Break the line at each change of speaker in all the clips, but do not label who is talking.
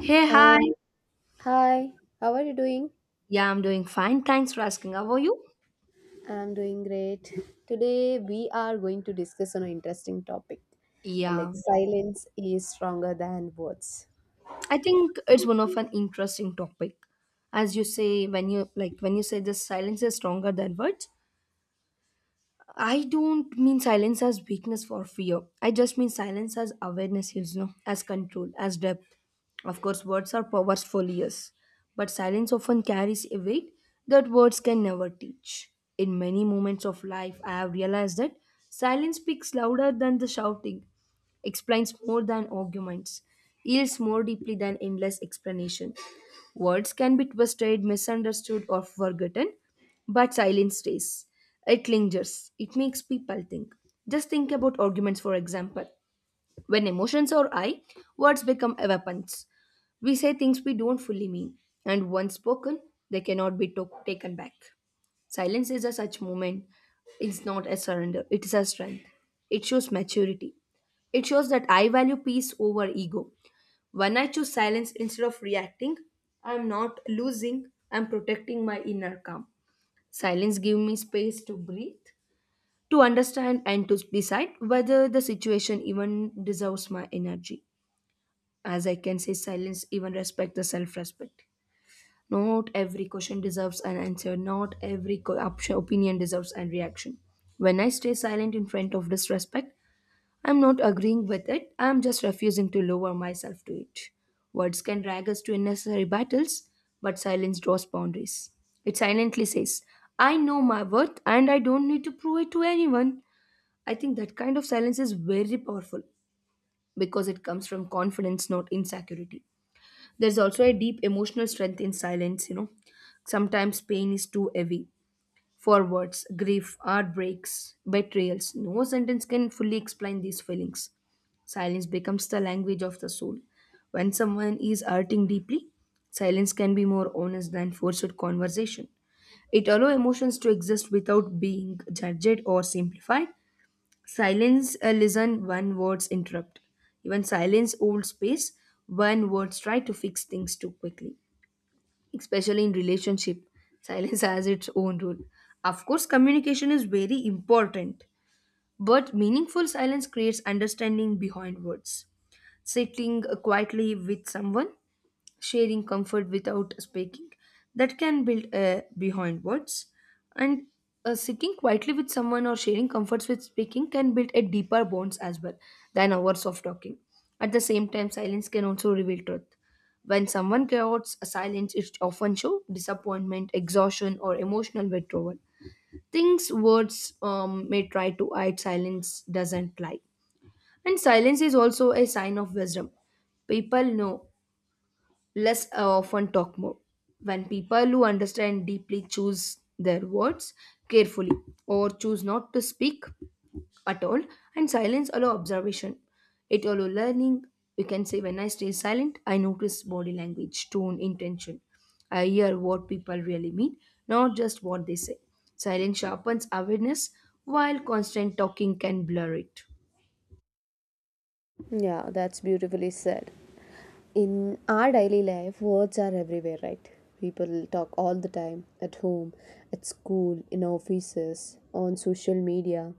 Hey, hi.
Hi. Hi, how are you doing?
Yeah, I'm doing fine. Thanks for asking. How are you?
I'm doing great. Today we are going to discuss on an interesting topic.
Yeah,
Like silence is stronger than words.
I think it's one of an interesting topic. As you say, when you say this silence is stronger than words, I don't mean silence as weakness for fear. I just mean silence as awareness, as control, as depth. Of course, words are powerful, yes, but silence often carries a weight that words can never teach. In many moments of life, I have realized that silence speaks louder than the shouting, explains more than arguments, yields more deeply than endless explanation. Words can be twisted, misunderstood, or forgotten, but silence stays. It lingers. It makes people think. Just think about arguments, for example. When emotions are high, words become weapons. We say things we don't fully mean, and once spoken, they cannot be taken back. Silence is a such moment. It's not a surrender, it is a strength. It shows maturity. It shows that I value peace over ego. When I choose silence instead of reacting, I'm not losing, I'm protecting my inner calm. Silence gives me space to breathe, to understand, and to decide whether the situation even deserves my energy. As I can say, silence even respect the self respect. Not every question deserves an answer, not every opinion deserves a reaction. When I stay silent in front of disrespect, I'm not agreeing with it, I'm just refusing to lower myself to it. Words can drag us to unnecessary battles, but silence draws boundaries. It silently says, I know my worth and I don't need to prove it to anyone. I think that kind of silence is very powerful because it comes from confidence, not insecurity. There's also a deep emotional strength in silence. Sometimes pain is too heavy, for words, grief, heartbreaks, betrayals, no sentence can fully explain these feelings. Silence becomes the language of the soul. When someone is hurting deeply, silence can be more honest than forced conversation. It allows emotions to exist without being judged or simplified. Silence listen when words interrupt. Even silence holds space when words try to fix things too quickly, especially in relationship, silence has its own role. Of course, communication is very important, but meaningful silence creates understanding behind words. Sitting quietly with someone, sharing comfort without speaking, that can build behind words. And seeking quietly with someone or sharing comforts with speaking can build a deeper bonds as well than hours of talking. At the same time, silence can also reveal truth. When someone covets a silence, it often shows disappointment, exhaustion, or emotional withdrawal, things words may try to hide. Silence doesn't lie. And silence is also a sign of wisdom. People know Less often talk more. When people who understand deeply choose their words carefully, or choose not to speak at all, and silence allow observation. It allow learning. You can say when I stay silent, I notice body language, tone, intention. I hear what people really mean, not just what they say. Silence sharpens awareness, while constant talking can blur it.
Yeah, that's beautifully said. In our daily life, words are everywhere, right? People talk all the time at home, at school, in offices, on social media,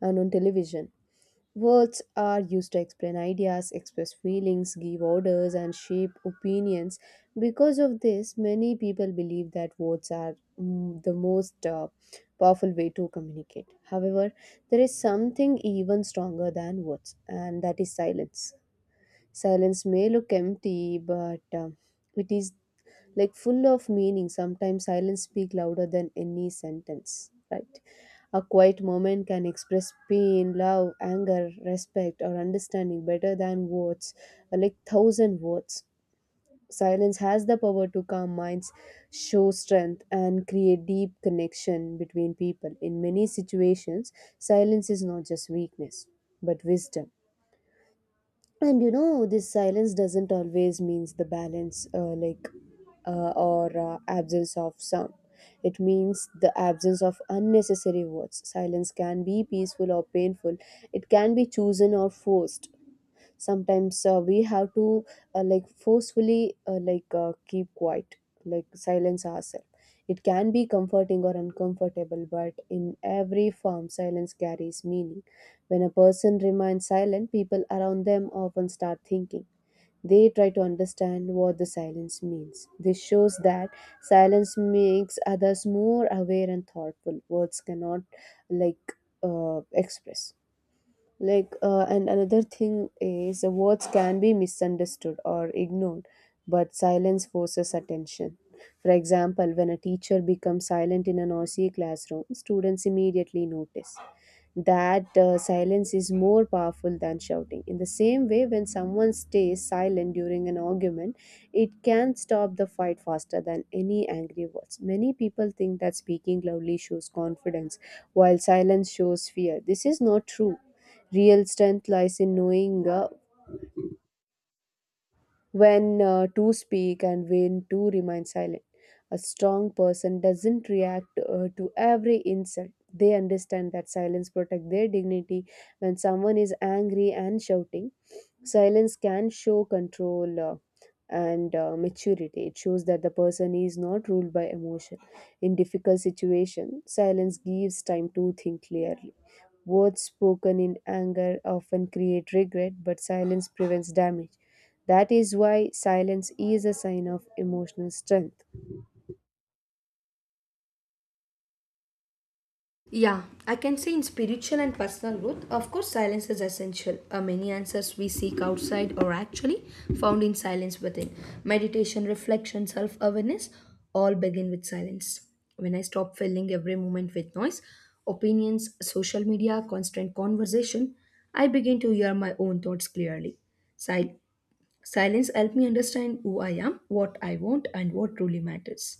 and on television. Words are used to explain ideas, express feelings, give orders, and shape opinions. Because of this, many people believe that words are the most powerful way to communicate. However, there is something even stronger than words, and that is silence. Silence may look empty, but it is like full of meaning. Sometimes silence speak louder than any sentence, right? A quiet moment can express pain, love, anger, respect, or understanding better than words, like thousand words. Silence has the power to calm minds, show strength, and create deep connection between people. In many situations, silence is not just weakness, but wisdom. And you know, this silence doesn't always means the balance, like or absence of sound. It means the absence of unnecessary words. Silence can be peaceful or painful. It can be chosen or forced. Sometimes we have to, like forcefully like keep quiet, like silence ourselves. It can be comforting or uncomfortable, but in every form silence carries meaning. When a person remains silent, people around them often start thinking. They try to understand what the silence means. This shows that silence makes others more aware and thoughtful. Words cannot, like, express, like, and another thing is, words can be misunderstood or ignored, but silence forces attention. For example, when a teacher becomes silent in a noisy classroom, students immediately notice that silence is more powerful than shouting. In the same way, when someone stays silent during an argument, it can stop the fight faster than any angry words. Many people think that speaking loudly shows confidence, while silence shows fear. This is not true. Real strength lies in knowing when two speak and when to remain silent. A strong person doesn't react to every insult. They understand that silence protects their dignity. When someone is angry and shouting, silence can show control and maturity. It shows that the person is not ruled by emotion. In difficult situation, silence gives time to think clearly. Words spoken in anger often create regret, but silence prevents damage. That is why silence is a sign of emotional strength.
Yeah, I can say in spiritual and personal growth, of course, silence is essential. Many answers we seek outside are actually found in silence within. Meditation, reflection, self awareness all begin with silence. When I stop filling every moment with noise, opinions, social media, constant conversation, I begin to hear my own thoughts clearly. Sil- Silence helps me understand who I am, what I want, and what truly matters.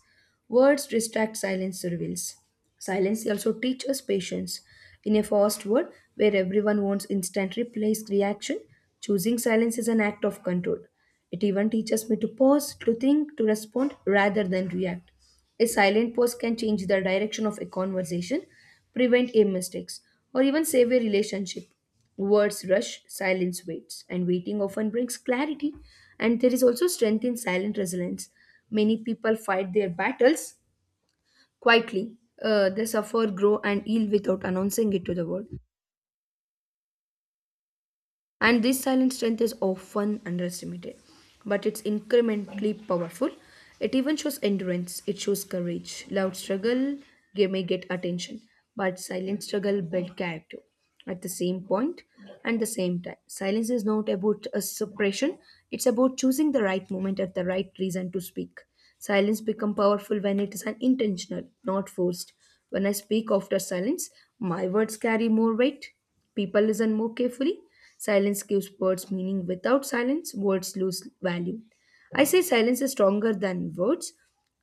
Words distract, silence reveals. Silence also teaches us patience. In a fast world where everyone wants instant replies, reaction, choosing silence is an act of control. It even teaches me to pause, to think, to respond rather than react. A silent pause can change the direction of a conversation, prevent a mistakes, or even save a relationship. Words rush, silence waits, and waiting often brings clarity. And there is also strength in silent resilience. Many people fight their battles quietly. They suffer, grow, and heal without announcing it to the world. And this silent strength is often underestimated, but it's incrementally powerful. It even shows endurance, it shows courage. Loud struggle may get attention, but silent struggle builds character. At the same point and the same time, silence is not about a suppression, it's about choosing the right moment at the right reason to speak. Silence become powerful when it is unintentional, not forced. When I speak after silence, my words carry more weight. People listen more carefully. Silence gives words meaning. Without silence, words lose value. I say silence is stronger than words.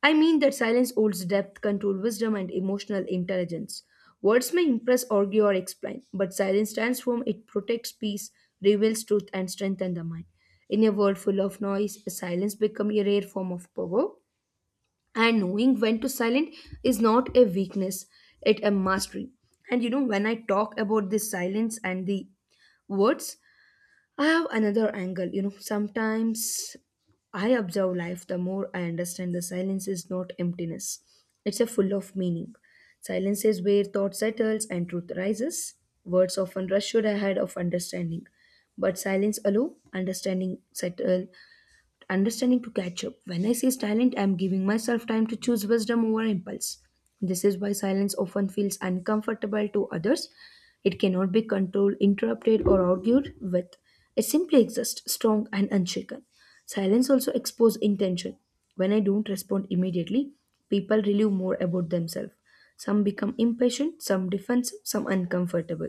I mean that silence holds depth, control, wisdom, and emotional intelligence. Words may impress, argue, or explain, but silence transforms. It protects peace, reveals truth, and strengthens the mind. In a world full of noise, silence becomes a rare form of power, and knowing when to silent is not a weakness, it a mastery. And when I talk about this silence and the words, I have another angle. Sometimes I observe life, the more I understand, the silence is not emptiness, it's a full of meaning. Silence is where thought settles and truth rises. Words often rush ahead of understanding, but silence alone understanding settle understanding to catch up. When I say silent, I am giving myself time to choose wisdom over impulse. This is why silence often feels uncomfortable to others. It cannot be controlled, interrupted, or argued with. It simply exists, strong and unshaken. Silence also exposes intention. When I don't respond immediately, people relieve more about themselves. Some become impatient, some defensive, some uncomfortable.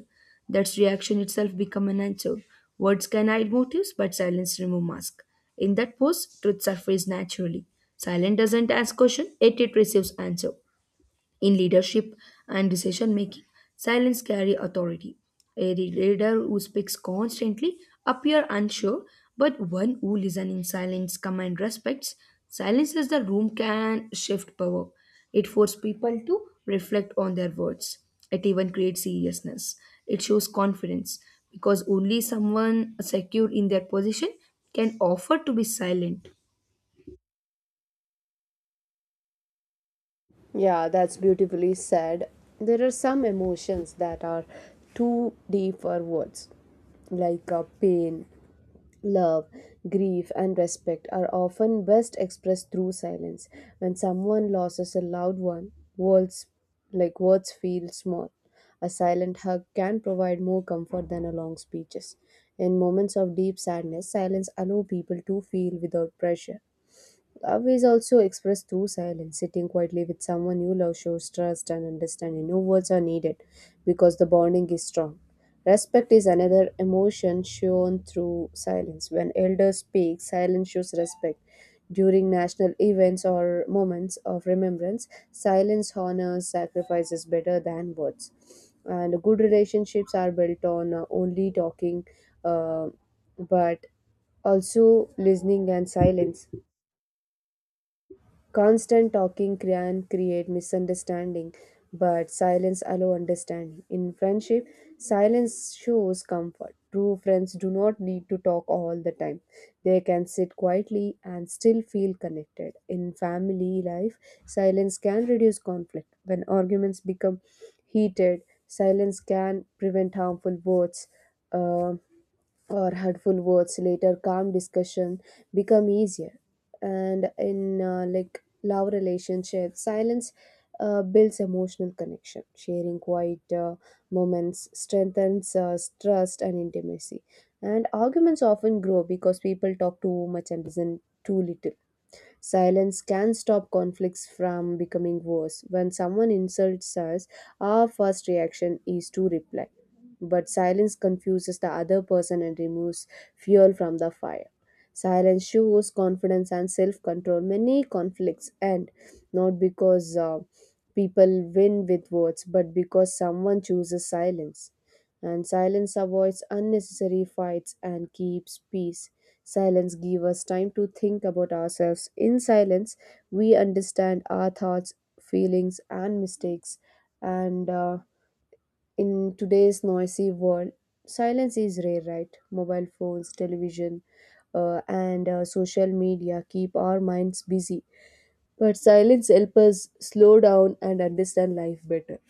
That's reaction itself become an answer. Words can hide motives, but silence remove mask. In that pose, truth surfaces naturally. Silence doesn't ask question, yet it receives answer. In leadership and decision making, silence carry authority. A leader who speaks constantly appear unsure, but one who listens in silence, command respects, silences the room can shift power. It forces people to reflect on their words. It even creates seriousness. It shows confidence because only someone secure in their position can offer to be silent.
Yeah, that's beautifully said. There are some emotions that are too deep for words, like pain, love, grief, and respect are often best expressed through silence. When someone loses a loved one, words, like, words feel small. A silent hug can provide more comfort than a long speeches. In moments of deep sadness, silence allow people to feel without pressure. Love is also expressed through silence. Sitting quietly with someone you love shows trust and understanding. No words are needed because the bonding is strong. Respect is another emotion shown through silence. When elders speak, silence shows respect. During national events or moments of remembrance, silence honors sacrifices better than words. And good relationships are built on, only talking, uh, but also listening and silence. Constant talking can create misunderstanding, but silence allows understanding. In friendship, silence shows comfort. True friends do not need to talk all the time. They can sit quietly and still feel connected. In family life, silence can reduce conflict. When arguments become heated, silence can prevent harmful words. Um, or hurtful words later, calm discussion become easier. And in, like, love relationship, silence builds emotional connection. Sharing quiet moments strengthens trust and intimacy. And arguments often grow because people talk too much and listen too little. Silence can stop conflicts from becoming worse. When someone insults us, our first reaction is to reply. But silence confuses the other person and removes fuel from the fire. Silence shows confidence and self control. Many conflicts end not because people win with words, but because someone chooses silence. And silence avoids unnecessary fights and keeps peace. Silence gives us time to think about ourselves. In silence, we understand our thoughts, feelings, and mistakes. And in today's noisy world, silence is rare, right? Mobile phones, television, and social media keep our minds busy. But silence helps us slow down and understand life better.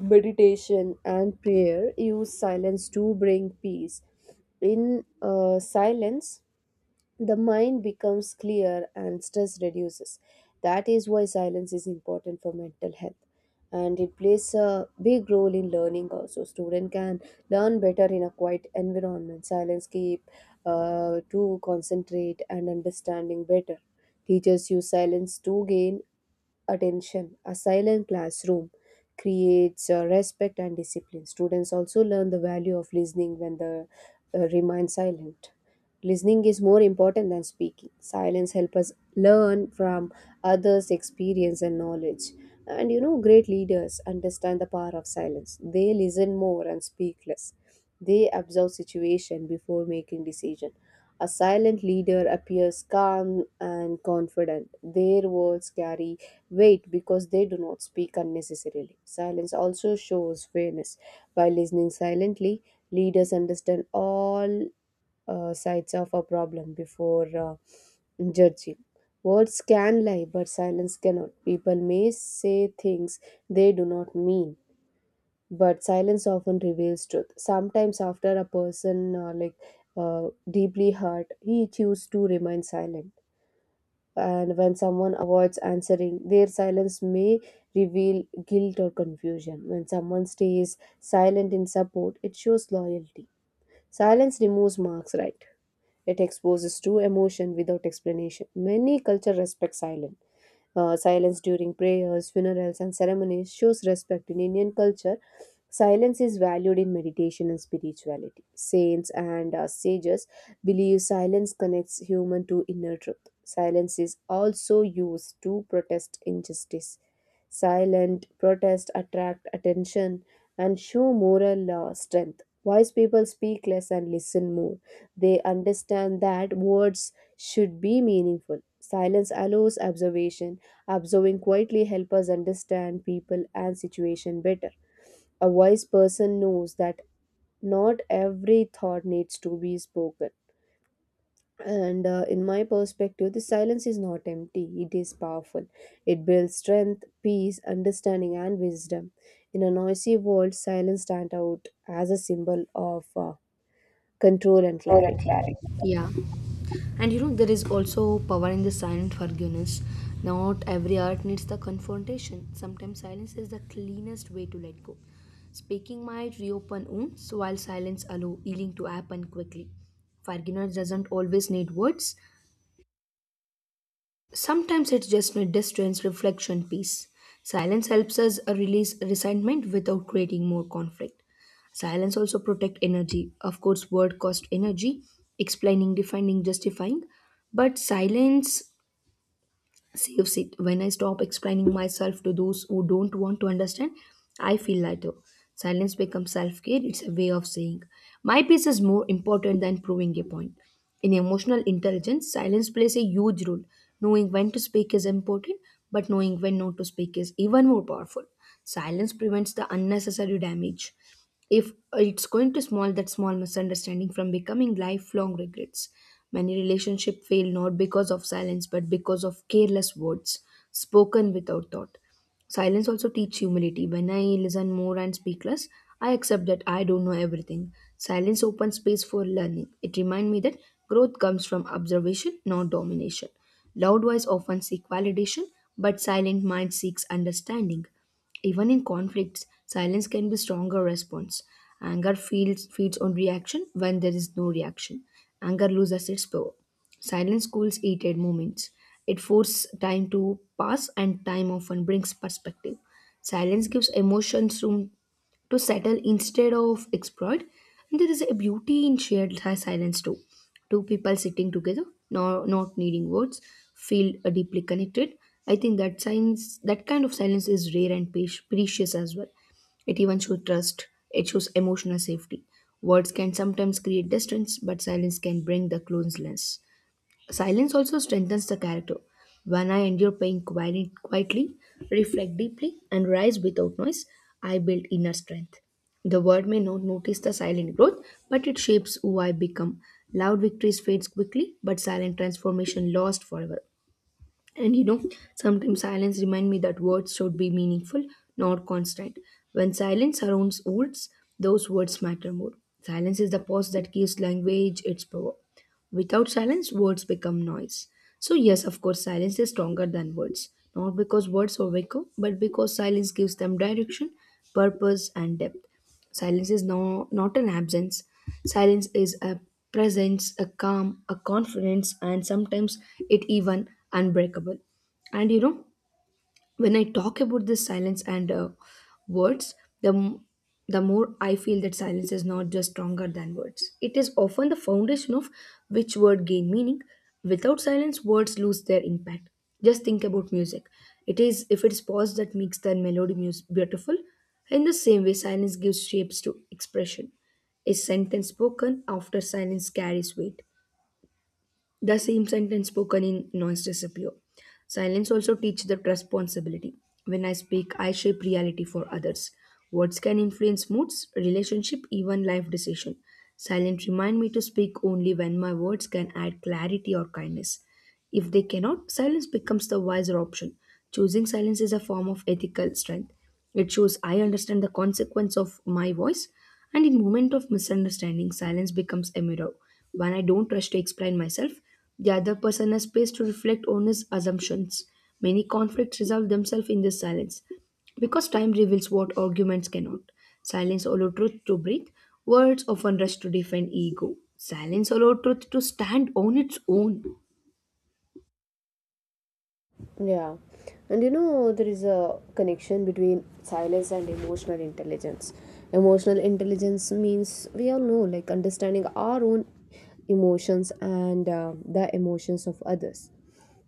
Meditation and prayer use silence to bring peace. In silence, the mind becomes clear and stress reduces. That is why silence is important for mental health. And it plays a big role in learning also. Student can learn better in a quiet environment. Silence keep to concentrate and understanding better. Teachers use silence to gain attention. A silent classroom creates respect and discipline. Students also learn the value of listening when the remain silent. Listening is more important than speaking. Silence helps us learn from others' experience and knowledge. And you know, great leaders understand the power of silence. They listen more and speak less. They observe situation before making decision. A silent leader appears calm and confident. Their words carry weight because they do not speak unnecessarily. Silence also shows fairness. By listening silently, leaders understand all sides of a problem before judging. Words can lie, but silence cannot. People may say things they do not mean, but silence often reveals truth. Sometimes, after a person deeply hurt, he chooses to remain silent. And when someone avoids answering, their silence may reveal guilt or confusion. When someone stays silent in support, it shows loyalty. Silence removes marks, right? It exposes true emotion without explanation. Many cultures respect silence. Silence during prayers, funerals, and ceremonies shows respect in Indian culture. Silence is valued in meditation and spirituality. Saints and sages believe silence connects human to inner truth. Silence is also used to protest injustice. Silent protest attract attention and show moral strength. Wise people speak less and listen more. They understand that words should be meaningful. Silence allows observation. Observing quietly helps us understand people and situation better. A wise person knows that not every thought needs to be spoken. And in my perspective, the silence is not empty, it is powerful. It builds strength, peace, understanding, and wisdom. In a noisy world, silence stands out as a symbol of control and
More and
clarity.
clarity. Yeah. And there is also power in the silent forgiveness. Not every art needs the confrontation. Sometimes silence is the cleanest way to let go. Speaking might reopen wounds, while silence allow healing to happen quickly. Forgiveness doesn't always need words. Sometimes it's just a distance reflection peace. Silence helps us release resentment without creating more conflict. Silence also protect energy. Of course, word cost energy, explaining, defending, justifying. But silence saves it. When I stop explaining myself to those who don't want to understand, I feel lighter. Silence becomes self care, it's a way of saying, my peace is more important than proving a point. In emotional intelligence, silence plays a huge role. Knowing when to speak is important, but knowing when not to speak is even more powerful. Silence prevents the unnecessary damage if it's going to small that small misunderstanding from becoming lifelong regrets. Many relationships fail not because of silence, but because of careless words spoken without thought. Silence also teach humility. When I listen more and speak less, I accept that I don't know everything. Silence opens space for learning. It reminds me that growth comes from observation, not domination. Loud voice often seek validation, but silent mind seeks understanding. Even in conflicts, silence can be stronger response. Anger feeds on reaction. When there is no reaction, anger loses its power. Silence cools heated moments. It forces time to pass, and time often brings perspective. Silence gives emotions room to settle instead of exploit. And there is a beauty in shared silence too. Two people sitting together, no, not needing words, feel deeply connected. I think that science, that kind of silence is rare and precious as well. It even shows trust. It shows emotional safety. Words can sometimes create distance, but silence can bring the closeness. Silence also strengthens the character. When I endure pain quietly, reflect deeply, and rise without noise, I build inner strength. The world may not notice the silent growth, but it shapes who I become. Loud victories fades quickly, but silent transformation lasts forever. And sometimes silence remind me that words should be meaningful, not constant. When silence surrounds words, those words matter more. Silence is the pause that gives language its power. Without silence, words become noise. So yes, of course, silence is stronger than words. Not because words are weaker, but because silence gives them direction, purpose, and depth. Silence is no, not an absence. Silence is a presence, a calm, a confidence, and sometimes it even unbreakable. And when I talk about this silence and words, the m- the more I feel that silence is not just stronger than words. It is often the foundation of which word gain meaning. Without silence, words lose their impact. Just think about music. It is if it is pause that makes the melody beautiful. In the same way, silence gives shapes to expression. A sentence spoken after silence carries weight. The same sentence spoken in noise disappear. Silence also teach the responsibility. When I speak, I shape reality for others. Words can influence moods, relationship, even life decision. Silence remind me to speak only when my words can add clarity or kindness. If they cannot, silence becomes the wiser option. Choosing silence is a form of ethical strength. It shows I understand the consequence of my voice, and in moment of misunderstanding, silence becomes a mirror. When I don't rush to explain myself, the other person has space to reflect on his assumptions. Many conflicts resolve themselves in this silence because time reveals what arguments cannot. Silence allows truth to breathe. Words often rush to defend ego. Silence allows truth to stand on its own.
Yeah, and you know, there is a connection between silence and emotional intelligence. Emotional intelligence means, we all know, like, understanding our own emotions and the emotions of others.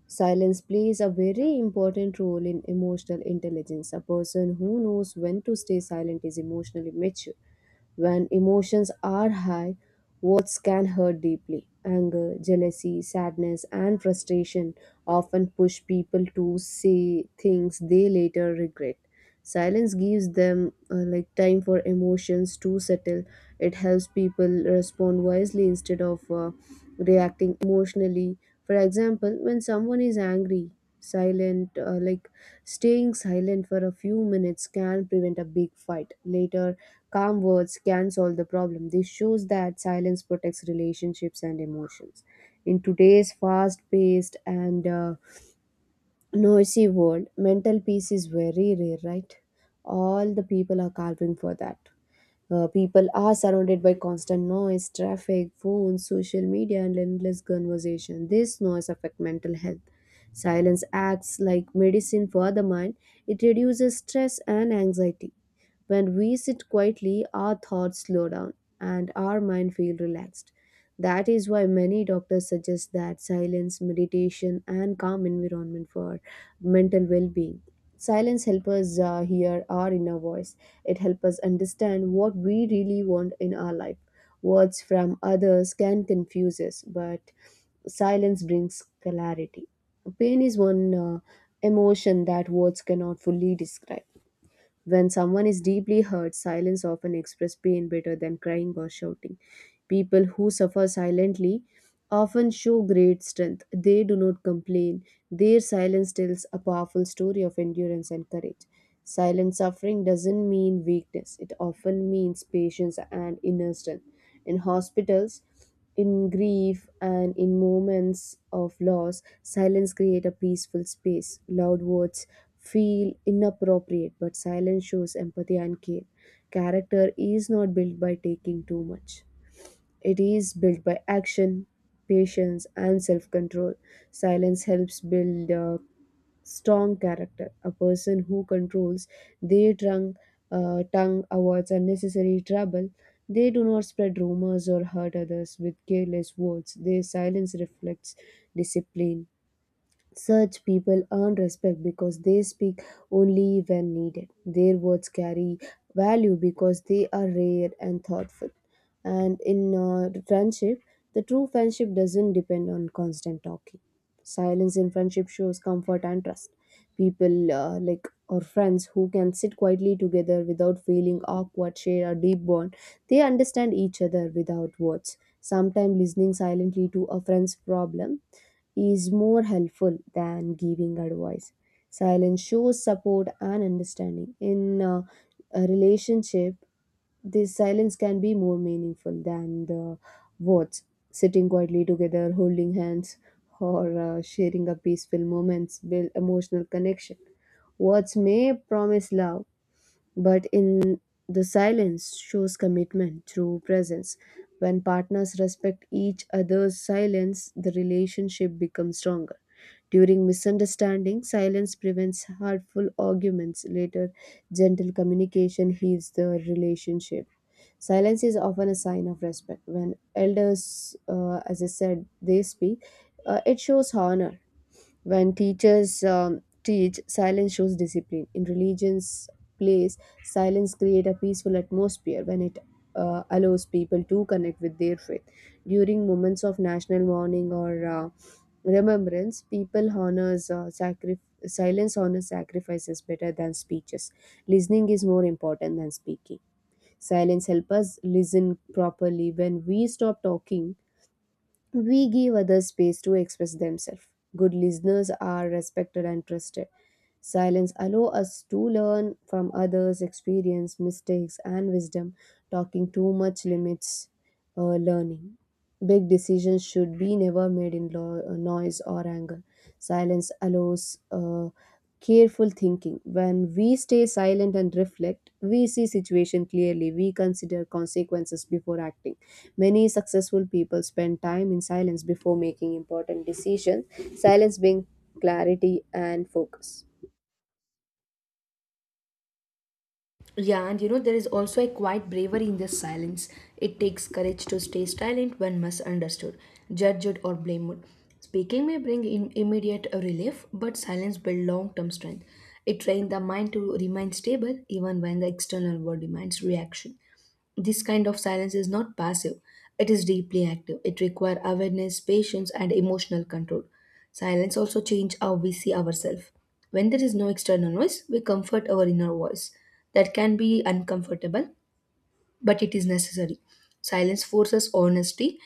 Silence plays a very important role in emotional intelligence. A person who knows when to stay silent is emotionally mature. When emotions are high, words can hurt deeply. Anger, jealousy, sadness, and frustration often push people to say things they later regret. Silence gives them, like, time for emotions to settle. It helps people respond wisely instead of reacting emotionally. For example, when someone is angry, silent like staying silent for a few minutes can prevent a big fight later. Calm words can solve the problem. This shows that silence protects relationships and emotions. In today's fast paced and noisy world, mental peace is very rare, right? All the people are calving for that. People are surrounded by constant noise, traffic, phones, social media, and endless conversation. This noise affects mental health. Silence acts like medicine for the mind. It reduces stress and anxiety. When we sit quietly, our thoughts slow down and our mind feel relaxed. That is why many doctors suggest that silence, meditation, and calm environment for mental well-being. Silence helps us hear our inner voice. It helps us understand what we really want in our life. Words from others can confuse us, but silence brings clarity. Pain is one emotion that words cannot fully describe. When someone is deeply hurt, silence often expresses pain better than crying or shouting. People who suffer silently often show great strength. They do not complain. Their silence tells a powerful story of endurance and courage. Silent suffering doesn't mean weakness, it often means patience and inner strength. In hospitals, in grief, and in moments of loss, silence create a peaceful space. Loud words feel inappropriate, but silence shows empathy and care. Character is not built by taking too much, it is built by action, patience, and self control. Silence helps build a strong character. A person who controls their tongue avoids unnecessary trouble. They do not spread rumors or hurt others with careless words. Their silence reflects discipline. Such people earn respect because they speak only when needed. Their words carry value because they are rare and thoughtful. And in friendship, the true friendship doesn't depend on constant talking. Silence in friendship shows comfort and trust. People like or friends who can sit quietly together without feeling awkward share a deep bond. They understand each other without words. Sometimes listening silently to a friend's problem is more helpful than giving advice. Silence shows support and understanding. In a relationship, this silence can be more meaningful than the words. Sitting quietly together, holding hands, or sharing a peaceful moments build emotional connection. Words may promise love, but in the silence shows commitment through presence. When partners respect each other's silence, the relationship becomes stronger. During misunderstandings, silence prevents hurtful arguments. Later, gentle communication heals the relationship. Silence is often a sign of respect. When elders, as I said, they speak, it shows honor. When teachers teach, silence shows discipline. In religions, place, silence create a peaceful atmosphere when it allows people to connect with their faith. During moments of national mourning or remembrance people silence honors sacrifices better than speeches. Listening is more important than speaking. Silence help us listen properly. When we stop talking, we give others space to express themselves. Good listeners are respected and trusted. Silence allows us to learn from others' experience, mistakes, and wisdom. Talking too much limits learning. Big decisions should be never made in noise or anger. Silence allows careful thinking. When we stay silent and reflect, we see situation clearly. We consider consequences before acting. Many successful people spend time in silence before making important decisions. Silence being clarity and focus.
Yeah, and you know, there is also a quiet bravery in the silence. It takes courage to stay silent when misunderstood, judged, or blamed. Speaking may bring in immediate relief, but silence builds long term strength. It trains the mind to remain stable even when the external world demands reaction. This kind of silence is not passive, it is deeply active. It requires awareness, patience, and emotional control. Silence also changes how we see ourselves. When there is no external noise, we comfort our inner voice. That can be uncomfortable, but it is necessary. Silence forces honesty.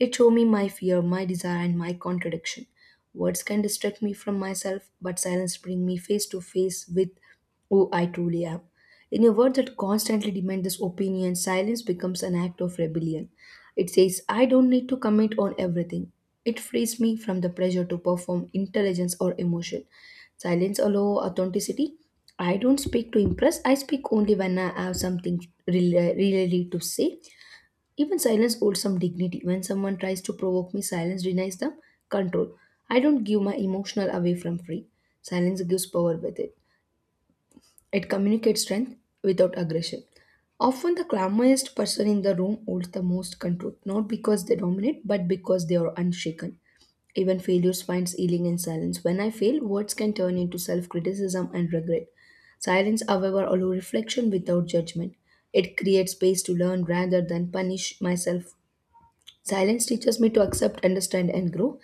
It shows me my fear, my desire, and my contradiction. Words can distract me from myself, but silence brings me face to face with who I truly am. In a world that constantly demands this opinion, silence becomes an act of rebellion. It says, I don't need to comment on everything. It frees me from the pressure to perform intelligence or emotion. Silence allows authenticity. I don't speak to impress. I speak only when I have something really, really to say. Even silence holds some dignity. When someone tries to provoke me, silence denies them control. I don't give my emotional away from free. Silence gives power with it. It communicates strength without aggression. Often, the calmest person in the room holds the most control, not because they dominate, but because they are unshaken. Even failures finds healing in silence. When I fail, words can turn into self criticism and regret. Silence, however, allows reflection without judgment. It creates space to learn rather than punish myself. Silence teaches me to accept, understand, and grow.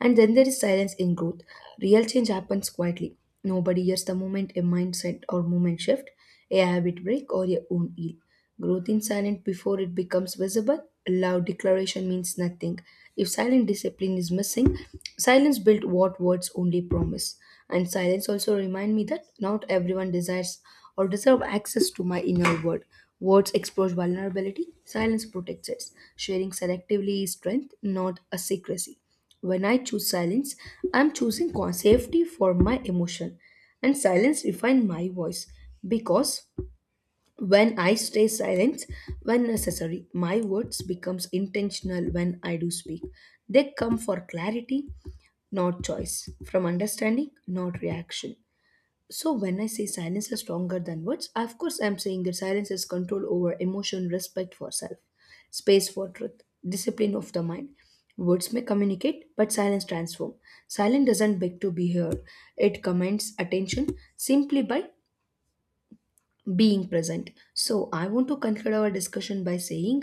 And then there is silence in growth. Real change happens quietly. Nobody hears the moment a mindset or movement shift, a habit break, or your own ill. Growth in silence before it becomes visible. Loud declaration means nothing. If silent discipline is missing, silence built what words only promise. And silence also remind me that not everyone desires or deserve access to my inner world. Words expose vulnerability, silence protects it. Sharing selectively is strength, not a secrecy. When I choose silence, I'm safety for my emotion, and silence refine my voice because when I stay silent when necessary, my words becomes intentional when I do speak. They come for clarity, not choice, from understanding, not reaction. So when I say silence is stronger than words, of course I'm saying that silence is control over emotion, respect for self, space for truth, discipline of the mind. Words may communicate, but silence transform. Silence doesn't beg to be heard. It commands attention simply by being present. So I want to conclude our discussion by saying,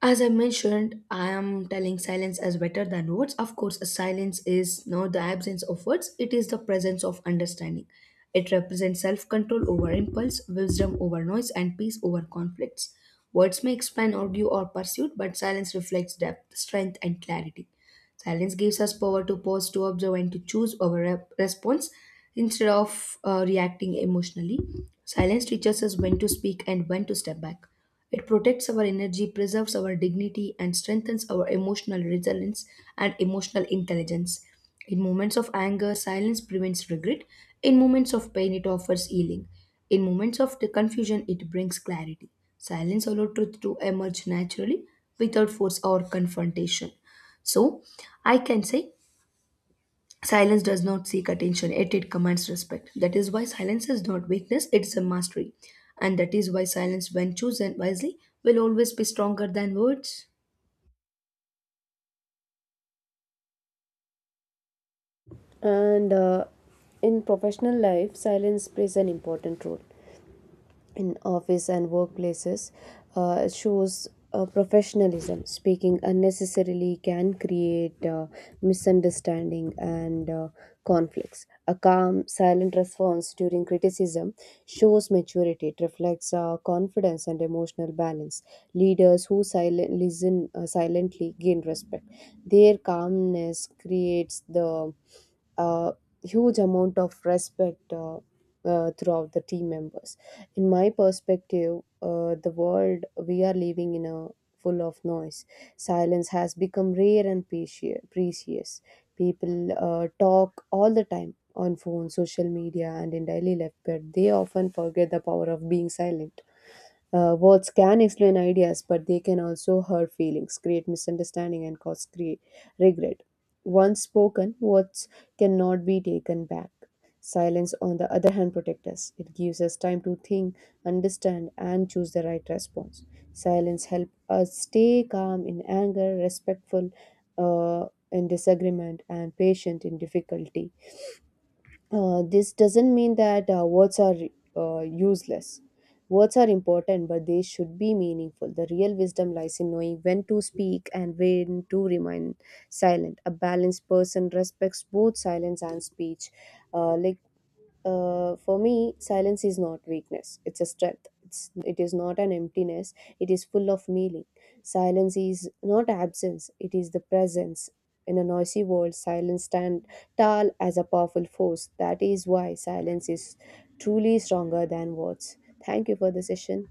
as I mentioned, I am telling silence as better than words. Of course, silence is not the absence of words, it is the presence of understanding. It represents self control over impulse, wisdom over noise, and peace over conflicts. Words may expand or due or pursuit, but silence reflects depth, strength, and clarity. Silence gives us power to pause, to observe, and to choose our response instead of reacting emotionally. Silence teaches us when to speak and when to step back. It protects our energy, preserves our dignity, and strengthens our emotional resilience and emotional intelligence. In moments of anger, silence prevents regret. In moments of pain, it offers healing. In moments of the confusion, it brings clarity. Silence allows truth to emerge naturally without force or confrontation. So, I can say silence does not seek attention, yet it commands respect. That is why silence is not weakness, it's a mastery. And that is why silence, when chosen wisely, will always be stronger than words.
And In professional life, silence plays an important role. In office and workplaces, shows professionalism. Speaking unnecessarily can create misunderstanding and conflicts. A calm, silent response during criticism shows maturity. It reflects confidence and emotional balance. Leaders who listen silently gain respect. Their calmness creates the uh, huge amount of respect throughout the team members. In my perspective, the world we are living in a full of noise. Silence has become rare and precious. People talk all the time on phone, social media, and in daily life, but they often forget the power of being silent. Words can explain ideas, but they can also hurt feelings, create misunderstanding, and cause regret. Once spoken, words cannot be taken back. Silence, on the other hand, protects us. It gives us time to think, understand, and choose the right response. Silence helps us stay calm in anger, respectful in disagreement, and patient in difficulty. This doesn't mean that words are useless. Words are important, but they should be meaningful. The real wisdom lies in knowing when to speak and when to remain silent. A balanced person respects both silence and speech. Uh, like for me, silence is not weakness. It's a strength. It is not an emptiness. It is full of meaning. Silence is not absence. It is the presence. In a noisy world, silence stands tall as a powerful force. That is why silence is truly stronger than words. Thank you for the session.